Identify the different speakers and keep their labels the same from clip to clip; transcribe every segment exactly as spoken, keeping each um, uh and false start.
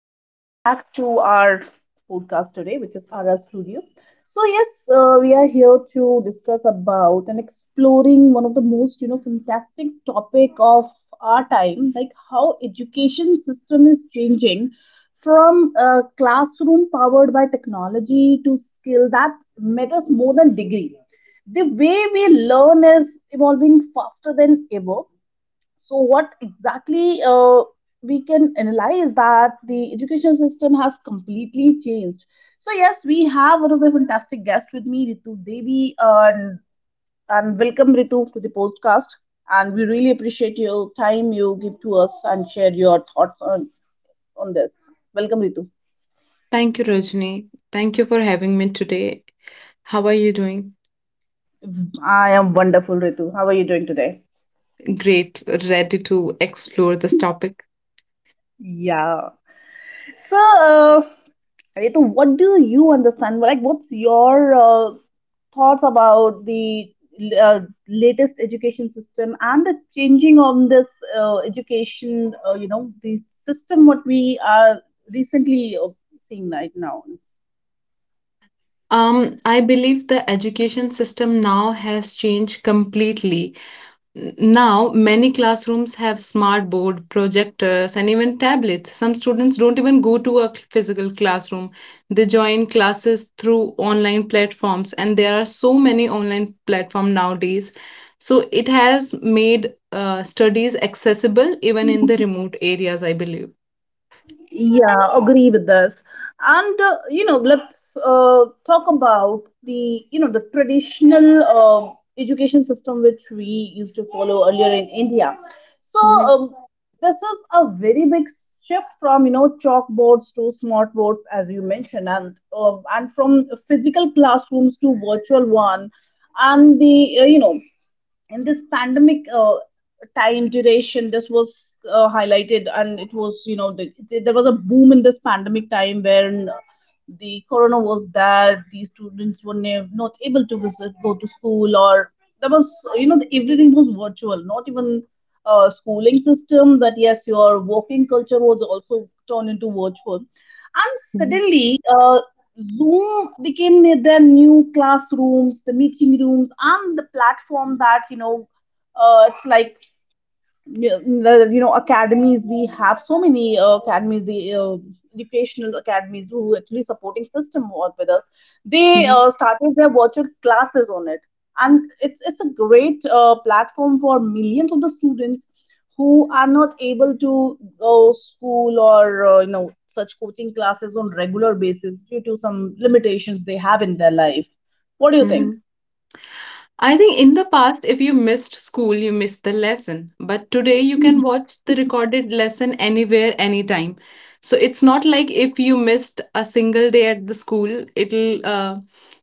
Speaker 1: and welcome back to our podcast today, which is R R Studio. So, yes, uh, we are here to discuss about and exploring one of the most, you know, fantastic topic of our time, like how education system is changing from a classroom powered by technology to skill that matters more than degree. The way we learn is evolving faster than ever, so what exactly uh, we can analyze that the education system has completely changed. So yes, we have one of the fantastic guests with me, Ritu Devi. And and welcome Ritu to the podcast, and we really appreciate your time you give to us and share your thoughts on on this. Welcome, Ritu.
Speaker 2: Thank you, Rajni. Thank you for having me today. How are you doing?
Speaker 1: I am wonderful, Ritu. How are you doing today?
Speaker 2: Great, ready to explore this topic.
Speaker 1: Yeah. So, uh, Ritu, what do you understand? Like, what's your uh, thoughts about the uh, latest education system and the changing on this uh, education, uh, you know, the system what we are recently uh, seeing right now?
Speaker 2: Um, I believe the education system now has changed completely. N- Now, many classrooms have smart board, projectors, and even tablets. Some students don't even go to a cl- physical classroom. They join classes through online platforms, and there are so many online platforms nowadays. So it has made uh, studies accessible even in the remote areas, I believe.
Speaker 1: Yeah, agree with this. And uh, you know, let's uh, talk about the, you know, the traditional uh, education system which we used to follow earlier in India. So
Speaker 2: Hmm.
Speaker 1: um, this is a very big shift from, you know, chalkboards to smart boards as you mentioned, and um and from physical classrooms to virtual one, and the uh, you know in this pandemic uh, time duration, this was uh, highlighted, and it was, you know, the, the- there was a boom in this pandemic time when the corona was there, the students were ne- not able to visit, go to school, or there was, you know, the, everything was virtual, not even uh, schooling system, but yes, your working culture was also turned into virtual. And
Speaker 2: Hmm.
Speaker 1: suddenly, uh, Zoom became their new classrooms, the meeting rooms, and the platform that, you know, uh, it's like you know, you know, academies, we have so many uh, academies, the uh, educational academies who actually supporting system work with us, they
Speaker 2: Hmm.
Speaker 1: uh, started their virtual classes on it. And it's it's a great uh, platform for millions of the students who are not able to go school or, uh, you know such coaching classes on regular basis due to some limitations they have in their life. What do you
Speaker 2: Hmm.
Speaker 1: think?
Speaker 2: I think in the past, if you missed school, you missed the lesson. But today, you can watch the recorded lesson anywhere, anytime. So it's not like if you missed a single day at the school, it'll, uh,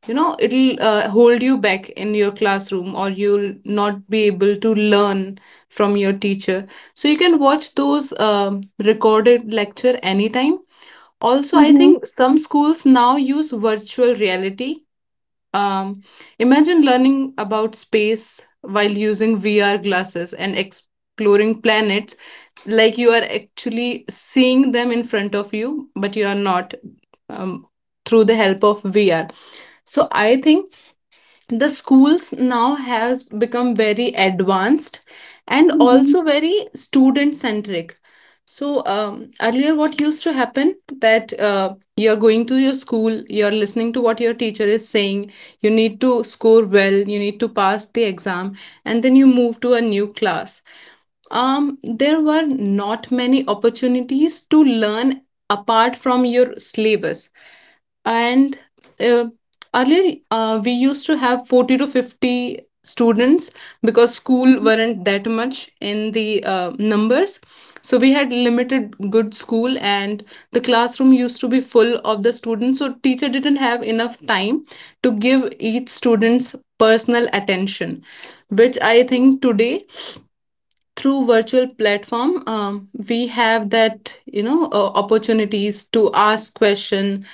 Speaker 2: you know, it'll uh, hold you back in your classroom or you'll not be able to learn from your teacher. So you can watch those um, recorded lecture anytime. Also, I think some schools now use virtual reality, um, imagine learning about space while using V R glasses and exploring planets like you are actually seeing them in front of you, but you are not um, through the help of V R. So I think the schools now has become very advanced and
Speaker 1: Hmm.
Speaker 2: also very student centric. So um, earlier what used to happen that uh, you're going to your school, you're listening to what your teacher is saying, you need to score well, you need to pass the exam, and then you move to a new class. Um, there were not many opportunities to learn apart from your syllabus, and uh, earlier uh, we used to have forty to fifty students because school weren't that much in the uh, numbers. So we had limited good school, and the classroom used to be full of the students, so teacher didn't have enough time to give each student's personal attention, which I think today, through virtual platform, um, we have that, you know, uh, opportunities to ask question,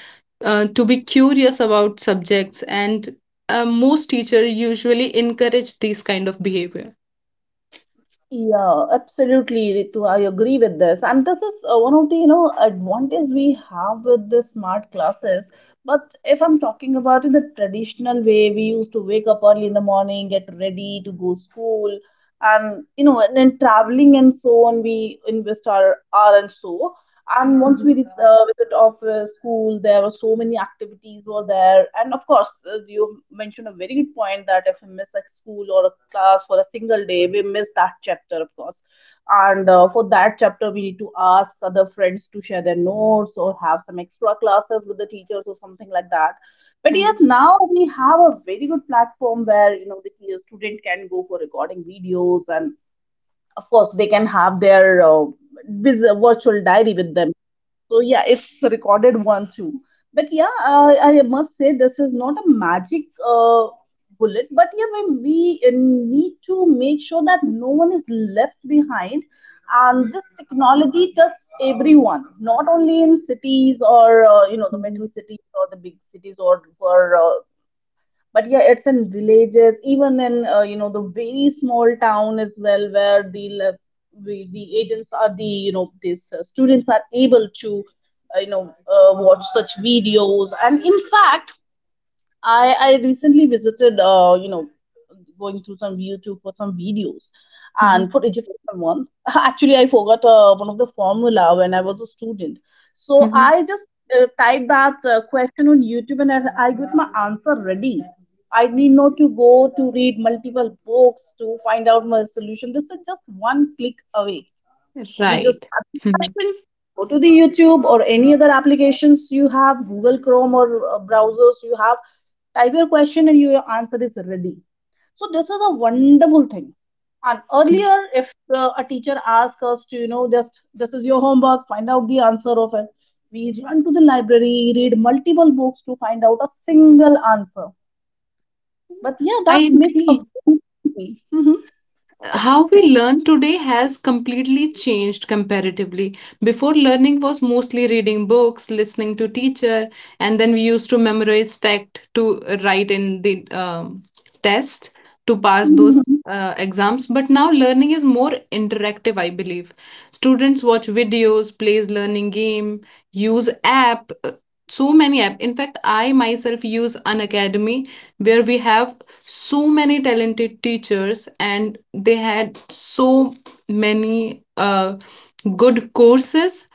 Speaker 2: uh, to be curious about subjects, and uh, most teacher usually encourage these kind of behavior.
Speaker 1: Yeah, absolutely, Ritu. I agree with this. And this is uh, one of the, you know, advantage we have with the smart classes. But if I'm talking about in the traditional way, we used to wake up early in the morning, get ready to go school, and you know, and then traveling and so on, we invest our hour and so. And once we
Speaker 2: Mhm.
Speaker 1: vis- uh, visit of uh, school, there were so many activities were there. And of course, uh, you mentioned a very good point that if we miss a school or a class for a single day, we miss that chapter, of course. And uh, for that chapter, we need to ask other friends to share their notes or have some extra classes with the teachers or something like that. But yes,
Speaker 2: Mhm.
Speaker 1: now we have a very good platform where, you know, the student can go for recording videos. And of course, they can have their uh, vis- virtual diary with them. So yeah, it's recorded one too. But yeah, I, I must say this is not a magic uh, bullet. But yeah, we, we uh, need to make sure that no one is left behind. And this technology touches everyone, not only in cities or, uh, you know the
Speaker 2: Mhm.
Speaker 1: metro cities or the big cities, or or uh, but yeah, it's in villages, even in, uh, you know the very small town as well, where the le- we, the agents are the, you know, these uh, students are able to uh, you know uh, watch such videos. And in fact, I I recently visited, uh, you know, going through some YouTube for some videos,
Speaker 2: Mhm.
Speaker 1: and for education one. Actually, I forgot uh, one of the formula when I was a student, so
Speaker 2: Mhm.
Speaker 1: I just uh, typed that uh, question on YouTube, and I, I got my answer ready. I need not to go to read multiple books to find out my solution. This is just one click away. You just
Speaker 2: Right.
Speaker 1: have the
Speaker 2: Mhm.
Speaker 1: question, go to the YouTube or any other applications you have, Google Chrome or uh, browsers you have, type your question and your answer is ready. So this is a wonderful thing. And earlier, if uh, a teacher asked us to, you know, just this is your homework, find out the answer of it, we run to the library, read multiple books to find out a single answer. But yeah,
Speaker 2: I
Speaker 1: that make a
Speaker 2: agree. How we learn today has completely changed comparatively. Before, learning was mostly reading books, listening to teacher, and then we used to memorize fact to write in the um, test to pass those
Speaker 1: Mhm.
Speaker 2: uh, exams. But now learning is more interactive, I believe. Students watch videos, plays learning game, use app. uh, So many app. In fact, I myself use an academy where we have so many talented teachers, and they had so many uh, good courses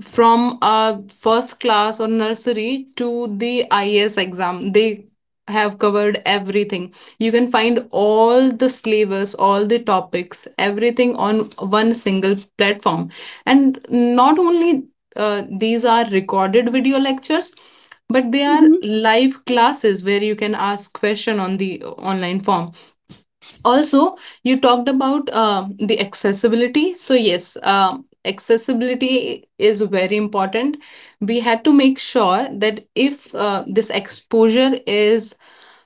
Speaker 2: from uh, first class or nursery to the I A S exam. They have covered everything. You can find all the syllabus, all the topics, everything on one single platform. And not only uh, these are recorded video lectures, but they are live classes where you can ask question on the online form. Also, you talked about um the accessibility. So yes, um accessibility is very important. We had to make sure that if uh, this exposure is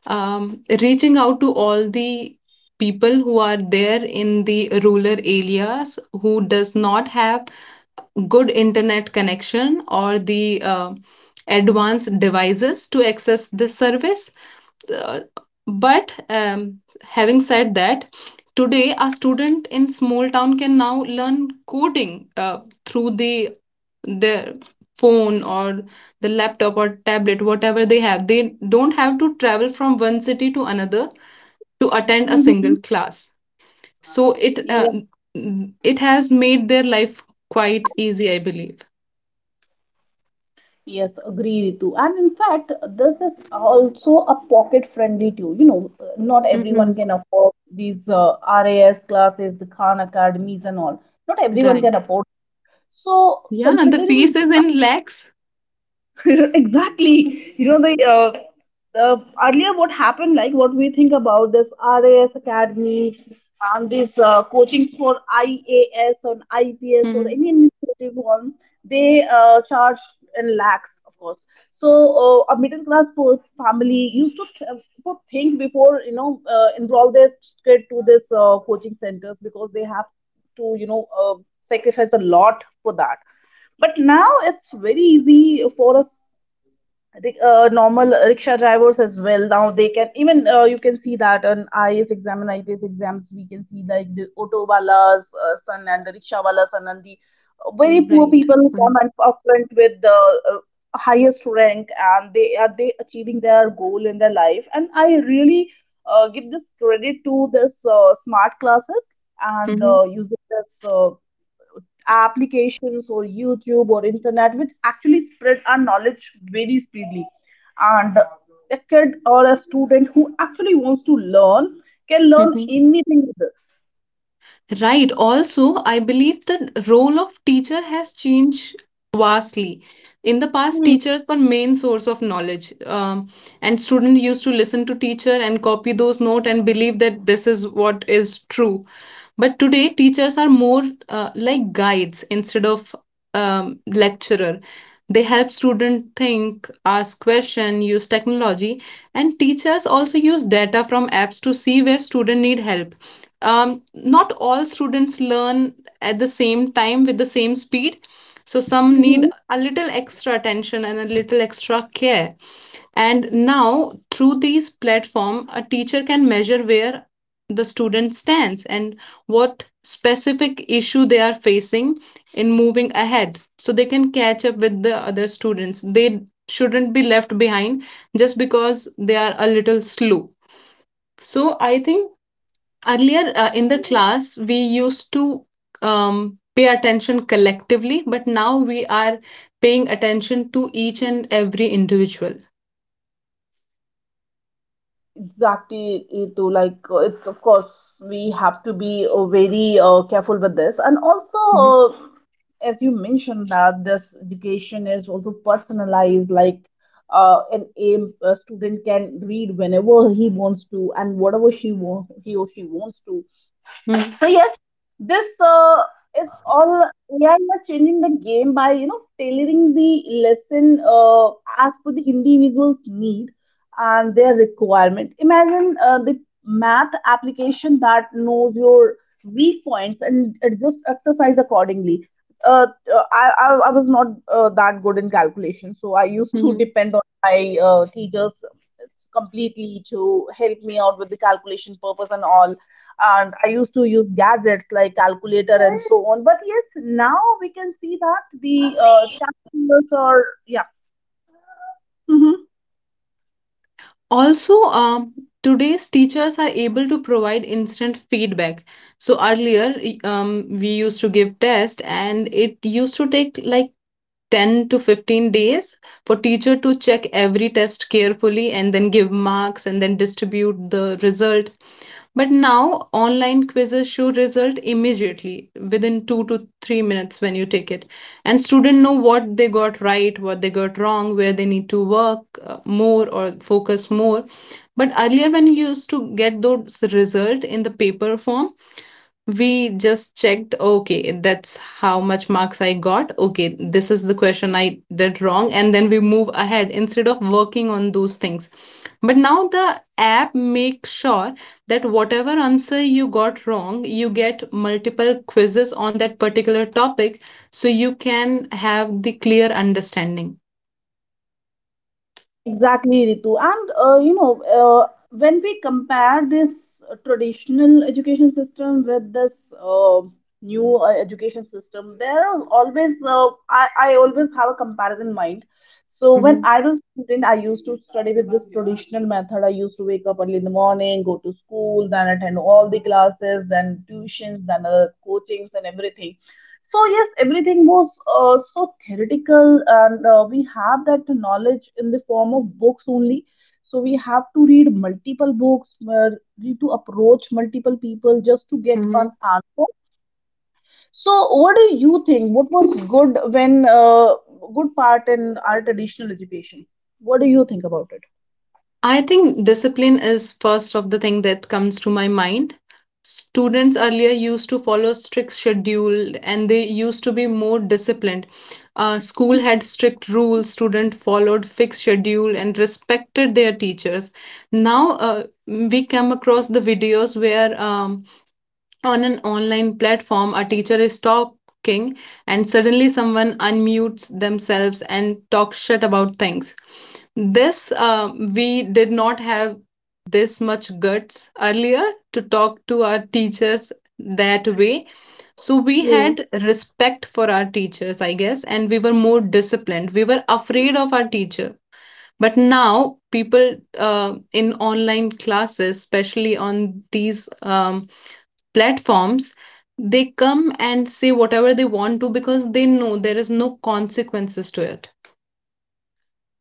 Speaker 2: um, reaching out to all the people who are there in the rural areas who does not have good internet connection or the uh, advanced devices to access this service. Uh, but um, having said that, today a student in small town can now learn coding uh, through the their phone or the laptop or tablet, whatever they have. They don't have to travel from one city to another to attend a
Speaker 1: Mhm.
Speaker 2: single class. So it uh,
Speaker 1: Mhm.
Speaker 2: it has made their life quite easy, I believe.
Speaker 1: Yes, agree, Ritu. And in fact, this is also a pocket-friendly tool. You know, not everyone
Speaker 2: Mm-hmm.
Speaker 1: can afford these uh, R A S classes, the Khan academies, and all. Not everyone
Speaker 2: Right.
Speaker 1: can afford. So,
Speaker 2: Yeah, and the
Speaker 1: considering
Speaker 2: fees is in lakhs.
Speaker 1: exactly, you know, the uh, the earlier what happened, like what we think about this RAS academies and these uh, coachings for IAS or IPS or
Speaker 2: Mhm.
Speaker 1: any administrative one, they uh, charge in lakhs, of course. So uh, a middle class po- family used to th- to think before, you know, uh, enroll their kid to this uh, coaching centers, because they have to, you know uh, sacrifice a lot for that. But now it's very easy for us. Ri- uh, normal rickshaw drivers as well. Now they can even uh, you can see that on I A S exam and I P S exams, we can see like the auto wala's uh, son and the rickshaw wala's son and the uh, very poor
Speaker 2: Right.
Speaker 1: people who come and up front with the uh, highest rank, and they are they achieving their goal in their life. And I really uh, give this credit to this uh, smart classes and
Speaker 2: Mm-hmm.
Speaker 1: uh, using this. Uh, applications or YouTube or internet, which actually spread our knowledge very speedily. And a kid or a student who actually wants to learn can learn
Speaker 2: Mm-hmm.
Speaker 1: anything with this.
Speaker 2: Right. Also, I believe the role of teacher has changed vastly. In the past,
Speaker 1: Hmm.
Speaker 2: teachers were main source of knowledge, um, and students used to listen to teacher and copy those note and believe that this is what is true. But today, teachers are more uh, like guides instead of um, lecturer. They help students think, ask question, use technology, and teachers also use data from apps to see where students need help. Um, not all students learn at the same time with the same speed, so some need a little extra attention and a little extra care. And now, through these platform, a teacher can measure where the student stands and what specific issue they are facing in moving ahead, so they can catch up with the other students. They shouldn't be left behind just because they are a little slow. So I think earlier, uh, in the class we used to um, pay attention collectively, but now we are paying attention to each and every individual.
Speaker 1: Exactly, Ritu. Like, uh, it's of course we have to be uh, very uh, careful with this, and also,
Speaker 2: Mhm.
Speaker 1: uh, as you mentioned, that this education is also personalized. Like, uh, an a, a student can read whenever he wants to and whatever she wa- he or she wants to.
Speaker 2: Mhm.
Speaker 1: So yes, this uh, it's all A I are changing the game by, you know, tailoring the lesson uh, as per the individual's need and their requirement. Imagine uh, the math application that knows your weak points and it just exercise accordingly. Uh, uh, I, I I was not uh, that good in calculation, so I used to
Speaker 2: Mhm.
Speaker 1: depend on my uh, teachers completely to help me out with the calculation purpose and all. And I used to use gadgets like calculator and so on. But yes, now we can see that the uh, chapters are yeah. Mhm.
Speaker 2: Also, um, today's teachers are able to provide instant feedback. So earlier, y- um, we used to give test, and it used to take like ten to fifteen days for teacher to check every test carefully and then give marks and then distribute the result. But now online quizzes show result immediately within two to three minutes when you take it and student know what they got right, what they got wrong, where they need to work uh, more or focus more. But earlier when you used to get those result in the paper form, we just checked, okay, that's how much marks I got. Okay, this is the question I did wrong. And then we move ahead instead of working on those things. But now the app makes sure that whatever answer you got wrong, you get multiple quizzes on that particular topic so you can have the clear understanding.
Speaker 1: Exactly, Ritu. And uh, you know, uh, when we compare this traditional education system with this uh, new uh, education system, there are always uh, I, I always have a comparison mind. So when
Speaker 2: Mhm,
Speaker 1: I was a student, I used to study with this traditional method. I used to wake up early in the morning, go to school, then attend all the classes, then tuitions, then other coachings and everything. So yes, everything was uh, so theoretical, and uh, we have that knowledge in the form of books only. So we have to read multiple books, uh, need to approach multiple people just to get
Speaker 2: mhm.
Speaker 1: an answer. So what do you think, what was good when uh, good part in our traditional education, what do you think about it?
Speaker 2: I think discipline is first of the thing that comes to my mind. Students earlier used to follow strict schedule and they used to be more disciplined. Uh, school had strict rules, student followed fixed schedule and respected their teachers. Now uh, we come across the videos where um, on an online platform a teacher is talking and suddenly someone unmutes themselves and talks shit about things this, um, we did not have this much guts earlier to talk to our teachers that way. So we
Speaker 1: Hmm.
Speaker 2: had respect for our teachers, I guess, and we were more disciplined. We were afraid of our teacher. But now, people uh, in online classes, especially on these um, platforms, they come and say whatever they want to because they know there is no consequences to it.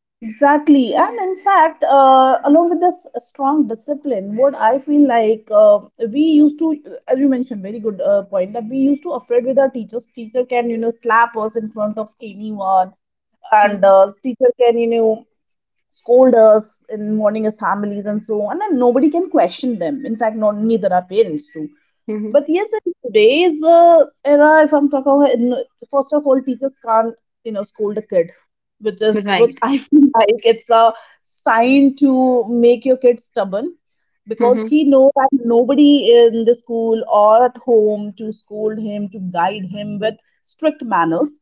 Speaker 1: Exactly. And in fact, uh, along with this strong discipline, what I feel like, uh, we used to, as you mentioned, very good uh, point, that we used to afraid with our teachers. Teacher can, you know, slap us in front of anyone. And
Speaker 2: Mhm.
Speaker 1: uh, teacher can, you know, scold us in morning assemblies and so on, and nobody can question them. In fact, not neither our parents do.
Speaker 2: Mhm.
Speaker 1: But yes, in today's uh, era, if I'm talking about, in- first of all, teachers can't, you know, scold a kid, which is which
Speaker 2: Right.
Speaker 1: I feel like it's a sign to make your kid stubborn, because
Speaker 2: Mhm.
Speaker 1: he knows that nobody in the school or at home to scold him, to guide him with strict manners.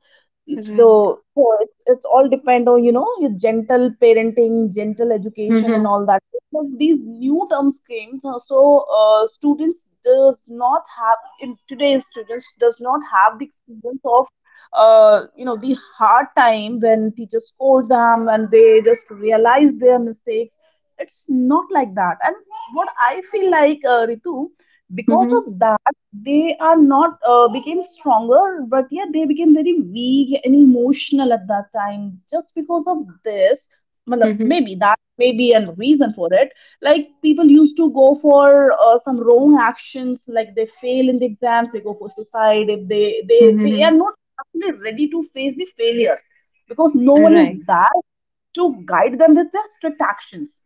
Speaker 1: The
Speaker 2: Right.
Speaker 1: so it's, it's all depend on, you know, your gentle parenting, gentle education, and
Speaker 2: Mhm.
Speaker 1: all that. Because these new terms came, so so, uh, students does not have in today's students does not have the experience of uh, you know the hard time when teachers scold them and they just realize their mistakes. It's not like that. And what I feel like, uh, Ritu, because
Speaker 2: Mhm.
Speaker 1: of that they are not, uh, became stronger but yet they became very weak and emotional at that time just because of this matlab,
Speaker 2: Mhm.
Speaker 1: maybe that may be a reason for it. Like people used to go for uh, some wrong actions, like they fail in the exams, they go for suicide. If they they they
Speaker 2: Mhm.
Speaker 1: are not actually ready to face the failures, because no one is
Speaker 2: Right.
Speaker 1: there to guide them with their strict actions.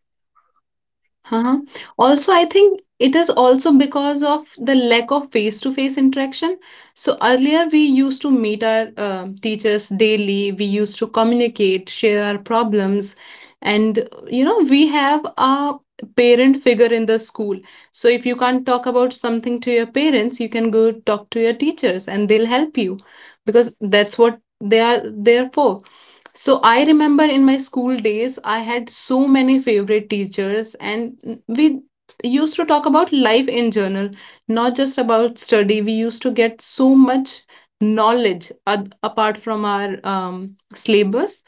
Speaker 2: Uh-huh. Also, I think it is also because of the lack of face-to-face interaction. So earlier we used to meet our um teachers daily. We used to communicate, share our problems, and you know, we have a parent figure in the school. So if you can't talk about something to your parents, you can go talk to your teachers and they'll help you because that's what they are there for So I remember in my school days, I had so many favorite teachers, and we used to talk about life in general, not just about study. We used to get so much knowledge ad- apart from our um, syllabus.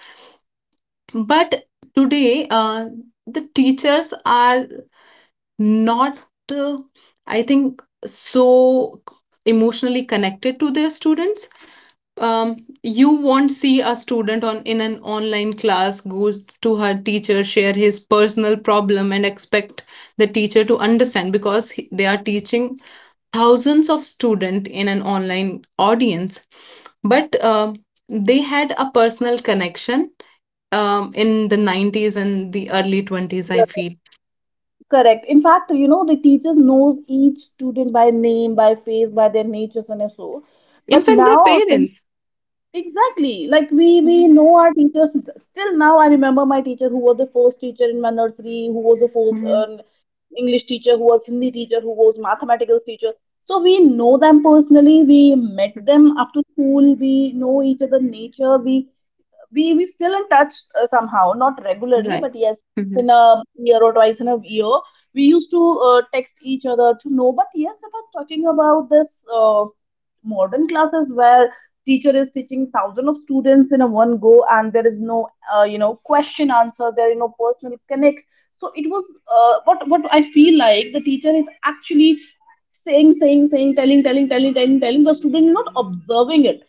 Speaker 2: But today, uh, the teachers are not, uh, I think, so emotionally connected to their students um, you won't see a student on in an online class goes to her teacher share his personal problem and expect the teacher to understand because he- they are teaching thousands of students in an online audience but uh, they had a personal connection um, in the nineties and the early twenties I feel
Speaker 1: Correct. In fact, you know, the teacher knows each student by name, by face, by their natures and so.
Speaker 2: in
Speaker 1: But
Speaker 2: fact their
Speaker 1: now,
Speaker 2: parents
Speaker 1: exactly, like we we
Speaker 2: hmm
Speaker 1: know our teachers. Still now, I remember my teacher who was the first teacher in my nursery, who was the first
Speaker 2: Mm-hmm.
Speaker 1: uh, English teacher, who was Hindi teacher, who was mathematics teacher. So we know them personally. We met them after school. We know each other nature. We we we still in touch, uh, somehow, not regularly,
Speaker 2: right
Speaker 1: but yes,
Speaker 2: hmm
Speaker 1: in a year or twice in a year, we used to uh, text each other to know. But yes, if I'm talking about this uh, modern classes where teacher is teaching thousand of students in a one go, and there is no, uh, you know, question answer, there is no personal connect. So it was, uh, what what I feel like, the teacher is actually saying saying saying telling telling telling telling telling the student is not observing it.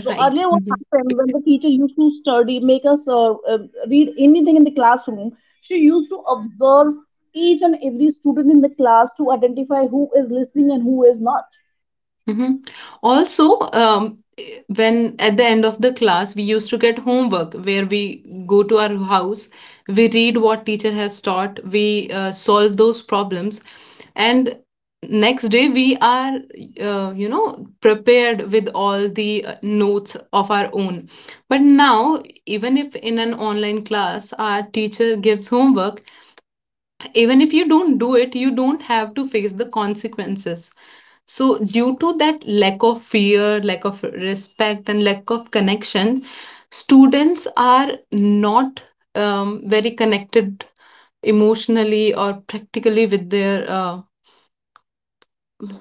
Speaker 1: So earlier, what
Speaker 2: Mhm.
Speaker 1: happened, when the teacher used to study, make us uh, uh, read anything in the classroom, she used to observe each and every student in the class to identify who is listening and who is not.
Speaker 2: Mhm. Also, um, eh, when at the end of the class, we used to get homework where we go to our house, we read what teacher has taught, we uh, solve those problems, and next day we are, uh, you know, prepared with all the uh, notes of our own. But now, even if in an online class our teacher gives homework, even if you don't do it, you don't have to face the consequences. So, due to that lack of fear, lack of respect, and lack of connection, students are not um, very connected emotionally or practically with their uh,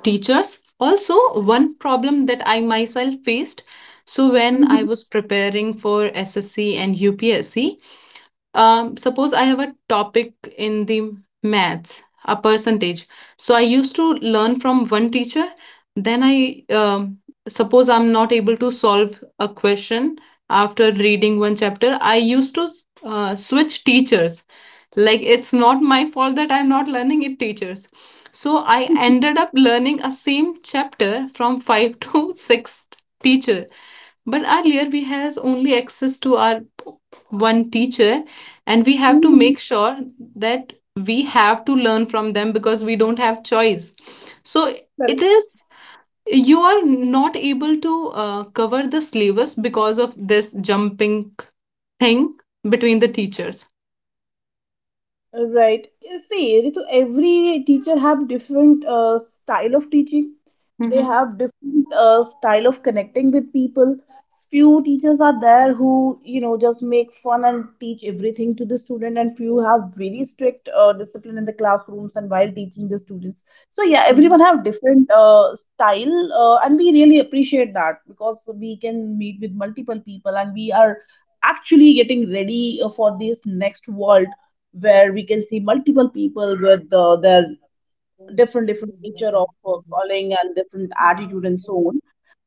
Speaker 2: teachers. Also, one problem that I myself faced. So, when I
Speaker 1: Mhm.
Speaker 2: was preparing for S S C and U P S C, um, suppose I have a topic in the maths, a percentage. So I used to learn from one teacher. Then I um, suppose I'm not able to solve a question after reading one chapter. I used to uh, switch teachers. Like it's not my fault that I'm not learning it teachers. So I ended up learning a same chapter from five to six teacher, but earlier we has only access to our one teacher and we have to
Speaker 1: Mhm.
Speaker 2: make sure that we have to learn from them because we don't have choice. So it is you are not able to uh, cover the syllabus because of this jumping thing between the teachers.
Speaker 1: Right. See, Ritu, every teacher have different uh, style of teaching. They
Speaker 2: Mm-hmm.
Speaker 1: have different uh, style of connecting with people. Few teachers are there who, you know, just make fun and teach everything to the student, and few have very strict uh, discipline in the classrooms and while teaching the students. So yeah, everyone
Speaker 2: Mm-hmm.
Speaker 1: have different uh, style, uh, and we really appreciate that, because we can meet with multiple people and we are actually getting ready uh, for this next world, where we can see multiple people with uh, their different different nature of uh, calling, and different attitude, and so on.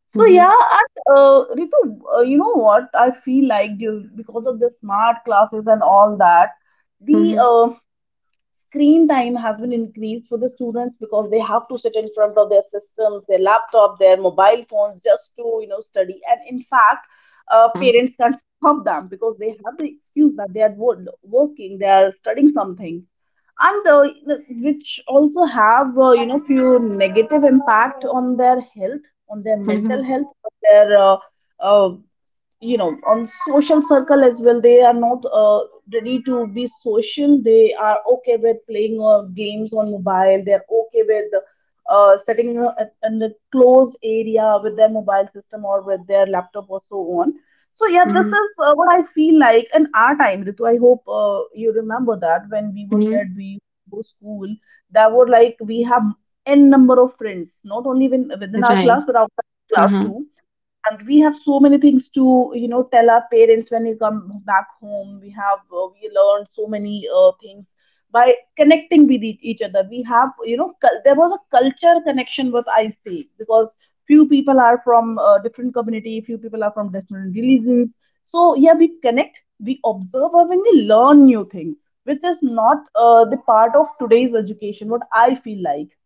Speaker 1: So
Speaker 2: Mm-hmm.
Speaker 1: yeah, and uh, Ritu, uh, you know what I feel like, due because of the smart classes and all that, the
Speaker 2: Mm-hmm.
Speaker 1: uh, screen time has been increased for the students, because they have to sit in front of their systems, their laptop, their mobile phones, just to, you know, study. And in fact, uh, parents can't stop them, because they have the excuse that they are wo- working, they are studying something. And uh, which also have, uh, you know, few negative impact on their health, on their
Speaker 2: Mm-hmm.
Speaker 1: mental health, on their uh, uh, you know, on social circle as well. They are not uh, ready to be social. They are okay with playing uh, games on mobile. They're okay with uh, setting uh, in a closed area with their mobile system, or with their laptop, or so on. So yeah, this is uh, what I feel like. In our time, Ritu, I hope uh, you remember that when we were
Speaker 2: Mm-hmm.
Speaker 1: kid, we go to school. That were like, we have n number of friends, not only within, within our
Speaker 2: Right.
Speaker 1: class but outside class
Speaker 2: Uh-huh.
Speaker 1: too. And we have so many things to, you know, tell our parents when we come back home. We have, uh, we learned so many uh, things by connecting with e- each other. We have, you know, cul- there was a culture connection, what I say, because few people are from uh, different community, few people are from different religions. So yeah, we connect, we observe, or when we learn new things, which is not uh, the part of today's education, what I feel like.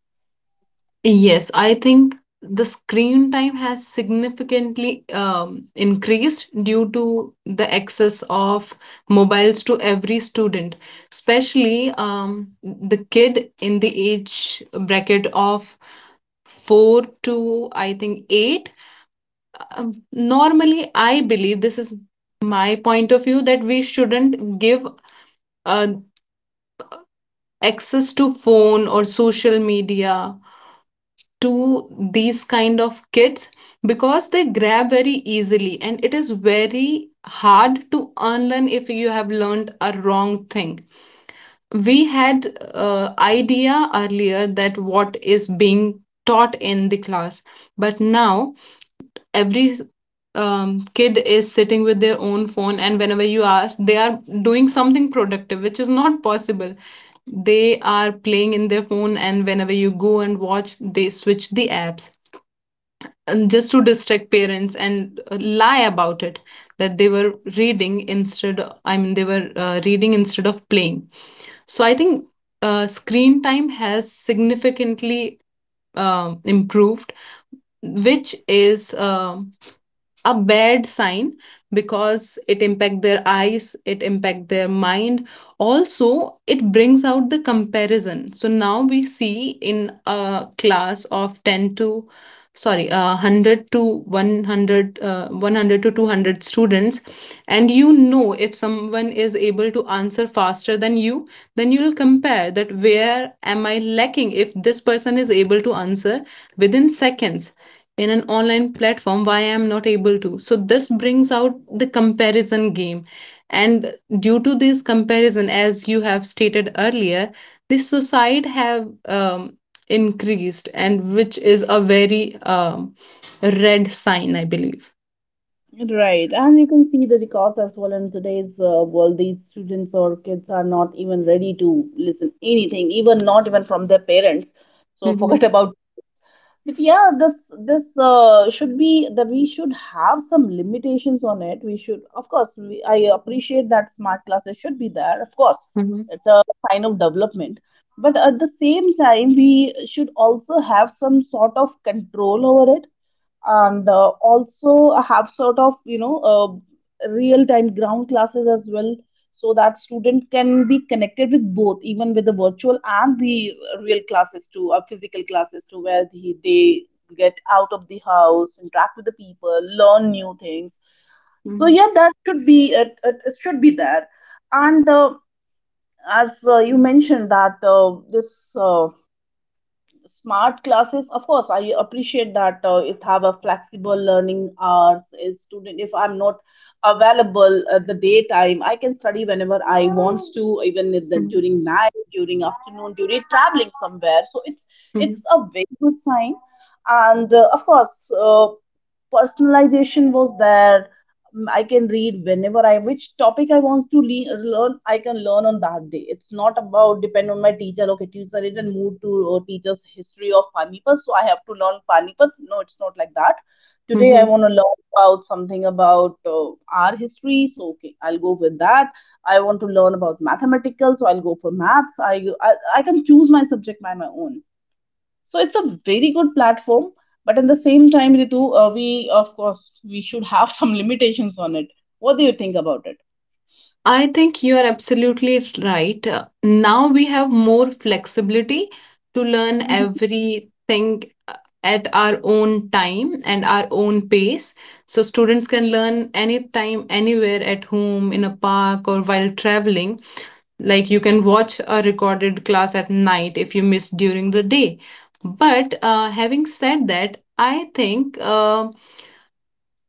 Speaker 2: Yes, I think the screen time has significantly um, increased due to the access of mobiles to every student, especially um, the kid in the age bracket of four to I think eight. Um, normally, I believe this is my point of view that we shouldn't give uh, access to phone or social media to these kind of kids because they grab very easily, and it is very hard to unlearn if you have learned a wrong thing. We had uh, idea earlier that what is being taught in the class, but now every um, kid is sitting with their own phone, and whenever you ask, they are doing something productive, which is not possible. They are playing in their phone, and whenever you go and watch, they switch the apps and just to distract parents and uh, lie about it that they were reading instead. I mean, they were uh, reading instead of playing. So I think uh, screen time has significantly um improved, which is um a bad sign, because it impact their eyes, it impact their mind. Also, it brings out the comparison. So now we see in a class of ten to, sorry, uh, one hundred to one hundred, uh, one hundred to two hundred students, and you know, if someone is able to answer faster than you, then you will compare that where am I lacking. If this person is able to answer within seconds in an online platform, why I'm not able to? So this brings out the comparison game. And due to this comparison, as you have stated earlier, the suicide have um, increased, and which is a very um, red sign, I believe.
Speaker 1: Right, and you can see the records as well in today's uh, world. These students or kids are not even ready to listen anything, even not even from their parents. So
Speaker 2: Mhm,
Speaker 1: forget about. But yeah, this this uh, should be that we should have some limitations on it. We should, of course, we, I appreciate that smart classes should be there. Of course,
Speaker 2: mhm,
Speaker 1: it's a sign of development. But at the same time, we should also have some sort of control over it, and uh, also have sort of, you know, uh, real time ground classes as well, so that student can be connected with both, even with the virtual and the real classes too or physical classes too, where the, they get out of the house, interact with the people, learn new things. So
Speaker 2: mhm,
Speaker 1: yeah, that should be it, it, it should be there. And uh, as uh, you mentioned that uh, this uh, smart classes, of course I appreciate that, uh, it have a flexible learning hours. A student, if I'm not available at the daytime, I can study whenever I wants to, even in the,
Speaker 2: mhm,
Speaker 1: during night, during afternoon, during traveling somewhere. So it's it's
Speaker 2: mhm,
Speaker 1: a very good sign. And uh, of course, uh, personalization was there. Mm, I can read whenever I, which topic I want to le- learn, I can learn on that day. It's not about depend on my teacher. Okay, teacher is in mood to uh, teach us history of panipat, so I have to learn panipat. No, it's not like that. Today I
Speaker 2: mhm.
Speaker 1: want to learn about something about uh, our history, so okay, I'll go with that. I want to learn about mathematical, so I'll go for maths. I, I I can choose my subject by my own. So it's a very good platform. But at the same time, Ritu, uh, we, of course, we should have some limitations on it. What do you think about it?
Speaker 2: I think you are absolutely right. Uh, now we have more flexibility to learn
Speaker 1: Mhm.
Speaker 2: everything at our own time and our own pace. So students can learn anytime, anywhere, at home, in a park, or while traveling. Like, you can watch a recorded class at night if you miss during the day. But uh, having said that, I think uh,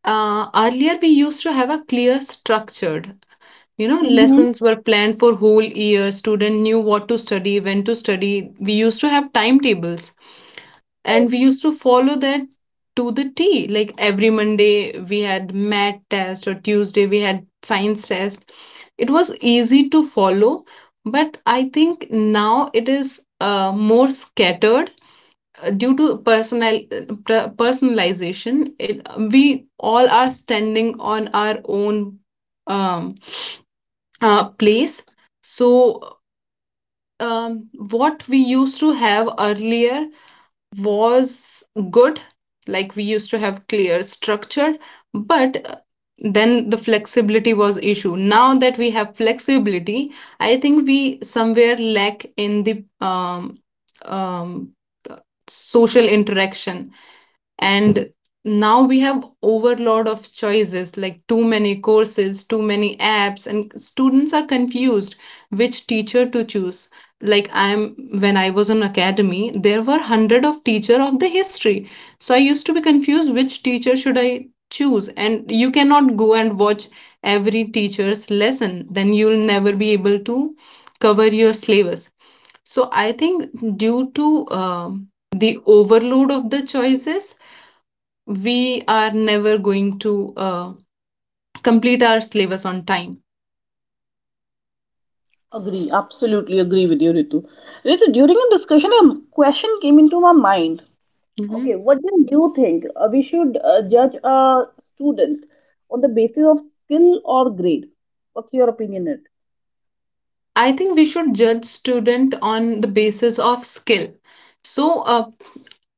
Speaker 2: uh, earlier we used to have a clear structured, you know
Speaker 1: Mhm.
Speaker 2: lessons were planned for whole year, student knew what to study, when to study. We used to have timetables, and we used to follow that to the T. Like every Monday we had math test, or Tuesday we had science test. It was easy to follow, but I think now it is uh, more scattered uh, due to personal uh, personalization. It We all are standing on our own um, uh, place. So um, what we used to have earlier was good, like we used to have clear structure, but uh, then the flexibility was issue. Now that we have flexibility, I think we somewhere lack in the um, um, social interaction. And now we have overload of choices, like too many courses, too many apps, and students are confused which teacher to choose. Like, I am when I was on academy, there were hundred of teacher of the history, so I used to be confused which teacher should I choose. And you cannot go and watch every teacher's lesson, then you'll never be able to cover your syllabus. So I think due to um the overload of the choices, we are never going to uh, complete our syllabus on time.
Speaker 1: Agree, absolutely agree with you, Ritu. Ritu, during the discussion, a question came into my mind.
Speaker 2: Mm-hmm.
Speaker 1: Okay, what do you think? Uh, we should uh, judge a student on the basis of skill or grade? What's your opinion? It
Speaker 2: I think we should judge student on the basis of skill. So uh,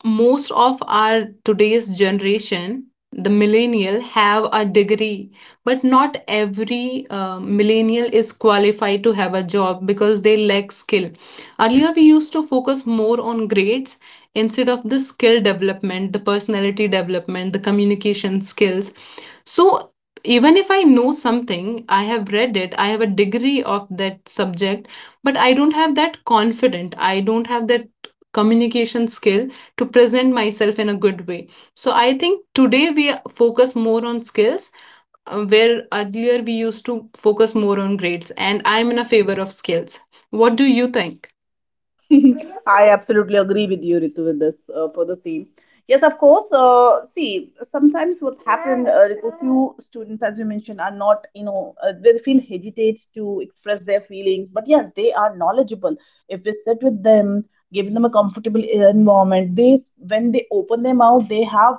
Speaker 2: most of our today's generation, the millennial, have a degree, but not every uh, millennial is qualified to have a job because they lack skill. Earlier, we used to focus more on grades instead of the skill development, the personality development, the communication skills. So even if I know something, I have read it, I have a degree of that subject, but I don't have that confident, I don't have that communication skill to present myself in a good way. So I think today we focus more on skills, uh, where earlier we used to focus more on grades, and I'm in a favor of skills. What do you think?
Speaker 1: I absolutely agree with you, Ritu, with this uh, for the same. Yes, of course. Uh, see, sometimes what's happened, uh, Ritu, few students, as you mentioned, are not, you know, uh, they feel hesitate to express their feelings. But yes, they are knowledgeable. If we sit with them, give them a comfortable environment, they, s- when they open their mouth, they have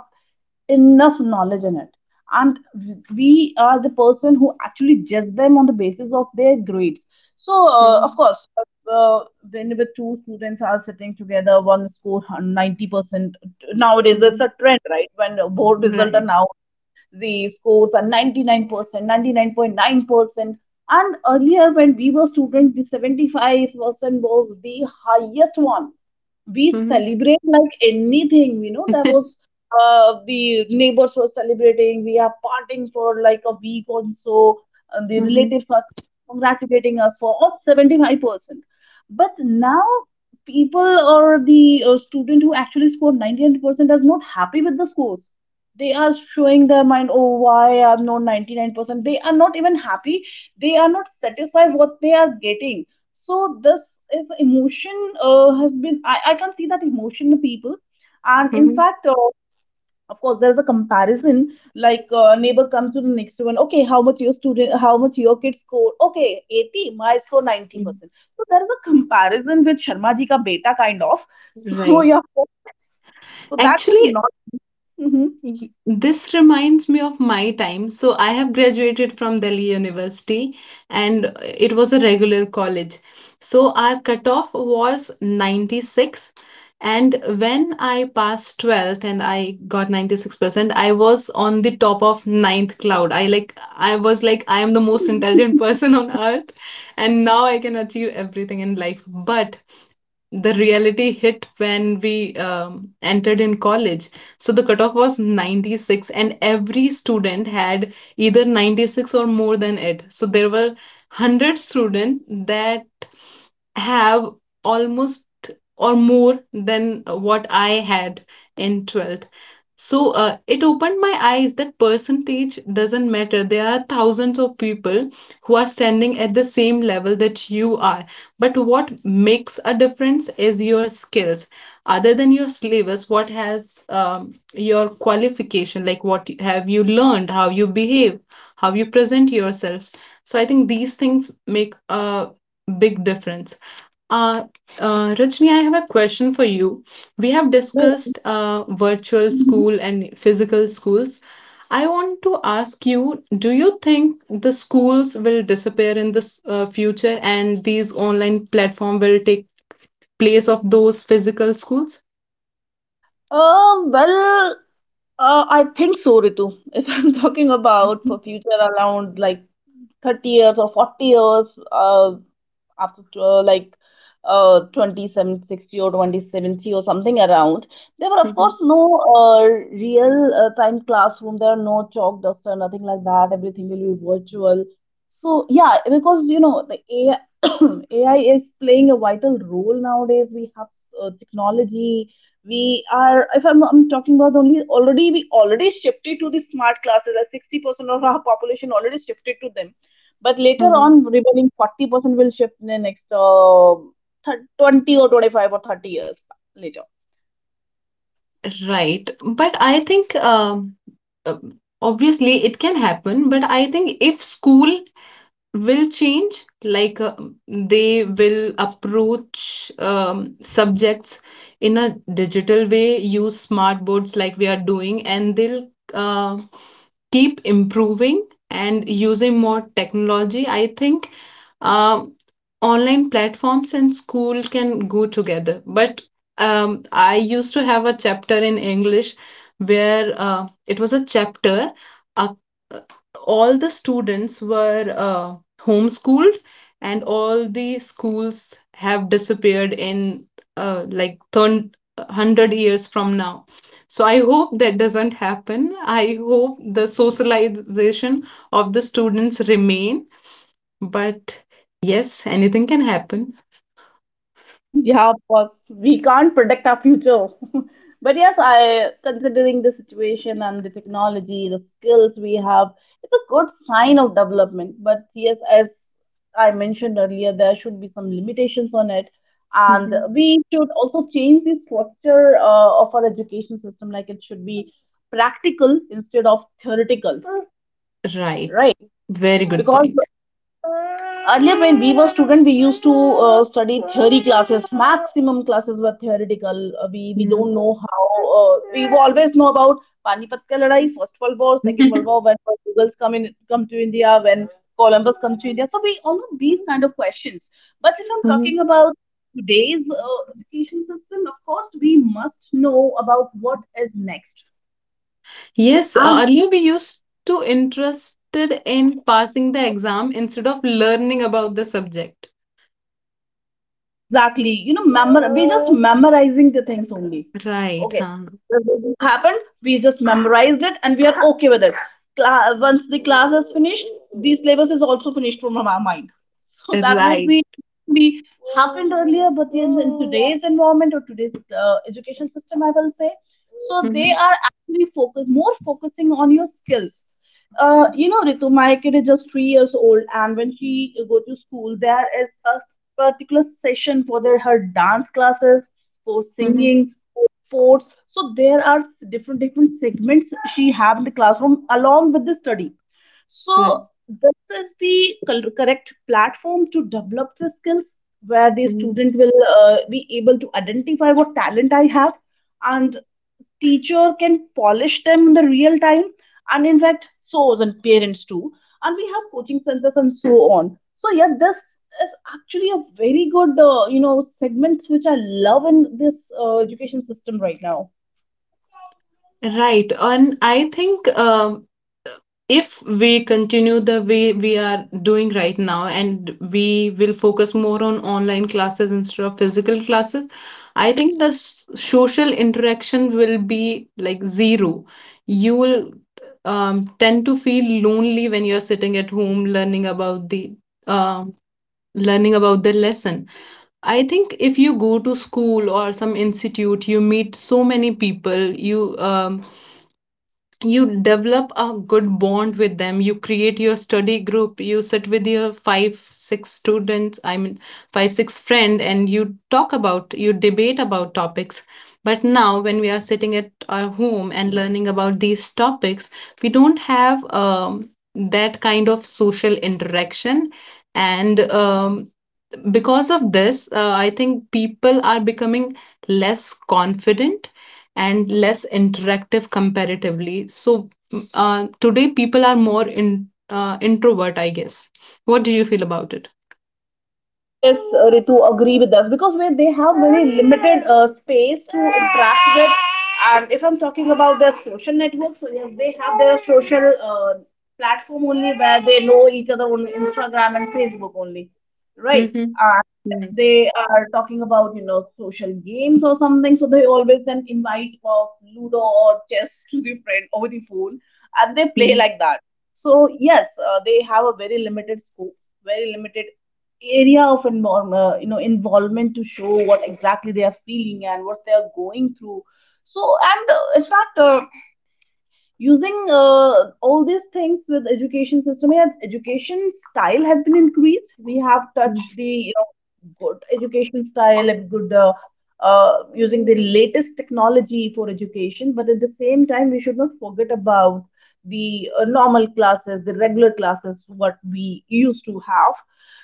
Speaker 1: enough knowledge in it. And we are the person who actually judge them on the basis of their grades. So, uh, of
Speaker 2: Mhm,
Speaker 1: course, uh, whenever two students are sitting together, one score ninety percent, nowadays it's a
Speaker 2: mhm.
Speaker 1: trend, right? When board results
Speaker 2: Right.
Speaker 1: are now, the scores are ninety-nine percent, ninety-nine point nine percent. And earlier, when we were students, the seventy-five percent was the highest one. We
Speaker 2: Mhm.
Speaker 1: celebrate like anything, you know. That was, uh, the neighbors were celebrating, we are partying for like a week or so, and the
Speaker 2: Mhm,
Speaker 1: relatives are congratulating us for all seventy-five percent. But now, people or the uh, student who actually scored ninety-nine percent is not happy with the scores. They are showing their mind, oh why I'm not ninety-nine percent. They are not even happy, they are not satisfied what they are getting. So this is emotion, uh, has been, I, I can see that emotion in people. And in
Speaker 2: mhm.
Speaker 1: fact, uh, of course, there's a comparison, like, uh, neighbor comes to the next one, okay how much your student, how much your kid score, okay eighty, my score ninety percent. So there is a comparison with sharma ji ka beta kind of. So
Speaker 2: Right.
Speaker 1: yeah, so that would
Speaker 2: Actually,
Speaker 1: not. Mhm.
Speaker 2: Y- this reminds me of my time. So I have graduated from Delhi University, and it was a regular college. So our cutoff was ninety-six. And when I passed twelfth and I got ninety-six percent, I was on the top of ninth cloud. I like I was like I am the most intelligent person on earth, and now I can achieve everything in life. But the reality hit when we um, entered in college. So the cutoff was ninety-six, and every student had either ninety-six or more than it. So there were one hundred students that have almost or more than what I had in twelfth. So uh, it opened my eyes that percentage doesn't matter. There are thousands of people who are standing at the same level that you are, but what makes a difference is your skills, other than your syllabus. What has um, your qualification, like what have you learned, how you behave, how you present yourself? So I think these things make a big difference. uh, uh, Rajni, I have a question for you. We have discussed uh, virtual school and physical schools. I want to ask you, do you think the schools will disappear in the s- uh, future, and these online platform will take place of those physical schools?
Speaker 1: Um, well, uh, I think so, Ritu. If I'm talking about for future, around like thirty years or forty years, uh, after uh, like uh twenty-seven sixty or twenty seventy or something around, there were of course
Speaker 2: Mhm,
Speaker 1: no uh, real uh, time classroom, there are no chalk duster, nothing like that, everything will be virtual. So yeah, because you know the ai ai is playing a vital role nowadays. We have uh, technology, we are, if I'm, I'm talking about, only already we already shifted to the smart classes, like sixty percent of our population already shifted to them. But later
Speaker 2: mhm.
Speaker 1: on, remaining forty percent will shift in the next, uh, thir twenty or twenty-five or thirty years later.
Speaker 2: Right. But I think um, uh, obviously it can happen. But I think if school will change, like uh, they will approach um, subjects in a digital way, use smart boards like we are doing, and they'll uh, keep improving and using more technology. I think um, online platforms and school can go together. But um, I used to have a chapter in English where uh, it was a chapter. Uh, all the students were uh, homeschooled, and all the schools have disappeared in uh, like one hundred years from now. So I hope that doesn't happen. I hope the socialization of the students remain, but yes, anything can happen.
Speaker 1: Yeah, of course, we can't predict our future. But yes, I, considering the situation and the technology, the skills we have, it's a good sign of development. But yes, as I mentioned earlier, there should be some limitations on it. And
Speaker 2: Mhm.
Speaker 1: we should also change the structure uh, of our education system, like it should be practical instead of theoretical.
Speaker 2: Right.
Speaker 1: Right?
Speaker 2: Very good
Speaker 1: Because
Speaker 2: point.
Speaker 1: earlier when we were student, we used to uh, study theory classes. Maximum classes were theoretical. Uh, we we
Speaker 2: Yeah.
Speaker 1: don't know how. Uh, we always know about Panipat ka ladai, First World War, Second World War, when Mughals come in come to India, when Columbus come to India. So we all know these kind of questions. But if I'm talking
Speaker 2: Mhm.
Speaker 1: about today's uh, education system, of course, we must know about what is next.
Speaker 2: Yes, uh,
Speaker 1: And
Speaker 2: earlier we used to interested in passing the exam instead of learning about the subject.
Speaker 1: exactly, you know, memor- we're just memorizing the things only.
Speaker 2: Right, huh?
Speaker 1: It happened, we just memorized it and we are okay with it. Cla- once the class is finished, the syllabus is also finished from our mind. So that was
Speaker 2: Right.
Speaker 1: the the happened earlier. But in, in today's environment or today's uh, education system, I will say, so they
Speaker 2: Hmm,
Speaker 1: are actually focus more focusing on your skills. uh, you know, Ritu, my kid is just three years old, and when she go to school, there is a particular session for their her dance classes, for
Speaker 2: hmm.
Speaker 1: singing, for sports. So there are s- different different segments she have in the classroom along with the study. So
Speaker 2: Right.
Speaker 1: this is the cor- correct platform to develop the skills, where the
Speaker 2: Mhm.
Speaker 1: student will uh, be able to identify what talent I have, and teacher can polish them in the real time, and in fact so, and parents too. And we have coaching centers and so on. So yeah, this is actually a very good uh, you know segment which I love in this uh, education system right now.
Speaker 2: Right. And I think uh, if we continue the way we are doing right now, and we will focus more on online classes instead of physical classes, I think the s- social interaction will be like zero. You will um, tend to feel lonely when you're sitting at home learning about the um learning about the lesson. I think if you go to school or some institute, you meet so many people, you um, you develop a good bond with them. You create your study group, you sit with your five six students, I mean, five six friend, and you talk about, you debate about topics. But now when we are sitting at our home and learning about these topics, we don't have um, that kind of social interaction. And um, because of this, uh, I think people are becoming less confident and less interactive comparatively. So mm, uh, today people are more in uh, introvert, I guess. What do you feel about it?
Speaker 1: Yes, uh, Ritu, agree with us, because where they have very limited uh, space to interact with. And if I'm talking about their social networks, so yes, they have their social uh, platform only, where they know each other on Instagram and Facebook only, right?
Speaker 2: Mm-hmm. Right.
Speaker 1: They are talking about, you know, social games or something. So they always send invite of Ludo or chess to the friend over the phone, and they play
Speaker 2: Mm-hmm.
Speaker 1: like that. So yes, uh, they have a very limited scope, very limited area of involve, uh, you know, involvement, to show what exactly they are feeling and what they are going through. So, and uh, in fact, uh, using uh, all these things with education system, yeah, education style has been increased. We have touched the, you know, good education style and good uh, uh, using the latest technology for education. But at the same time, we should not forget about the uh, normal classes, the regular classes, what we used to have.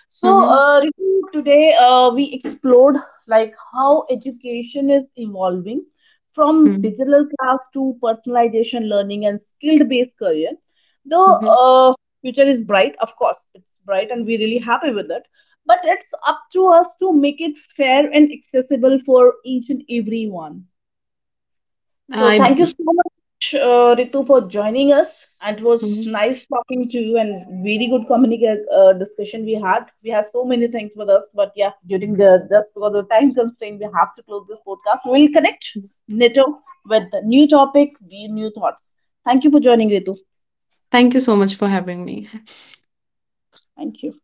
Speaker 1: So,
Speaker 2: Mm-hmm.
Speaker 1: uh, Ritu, today uh, we explored like how education is evolving, from digital class to personalization learning and skill-based career. The
Speaker 2: Mm-hmm.
Speaker 1: uh, future is bright, of course, it's bright, and we're really happy with it. But it's up to us to make it fair and accessible for each and everyone. So
Speaker 2: I.
Speaker 1: thank you so much, uh, Ritu, for joining us. And it was
Speaker 2: Mhm.
Speaker 1: nice talking to you, and very good communica- uh, discussion we had. We have so many things with us, but yeah, during the, just because of time constraint, we have to close this podcast. We will connect NATO with the new topic, we new thoughts. Thank you for joining, Ritu.
Speaker 2: Thank you so much for having me.
Speaker 1: Thank you.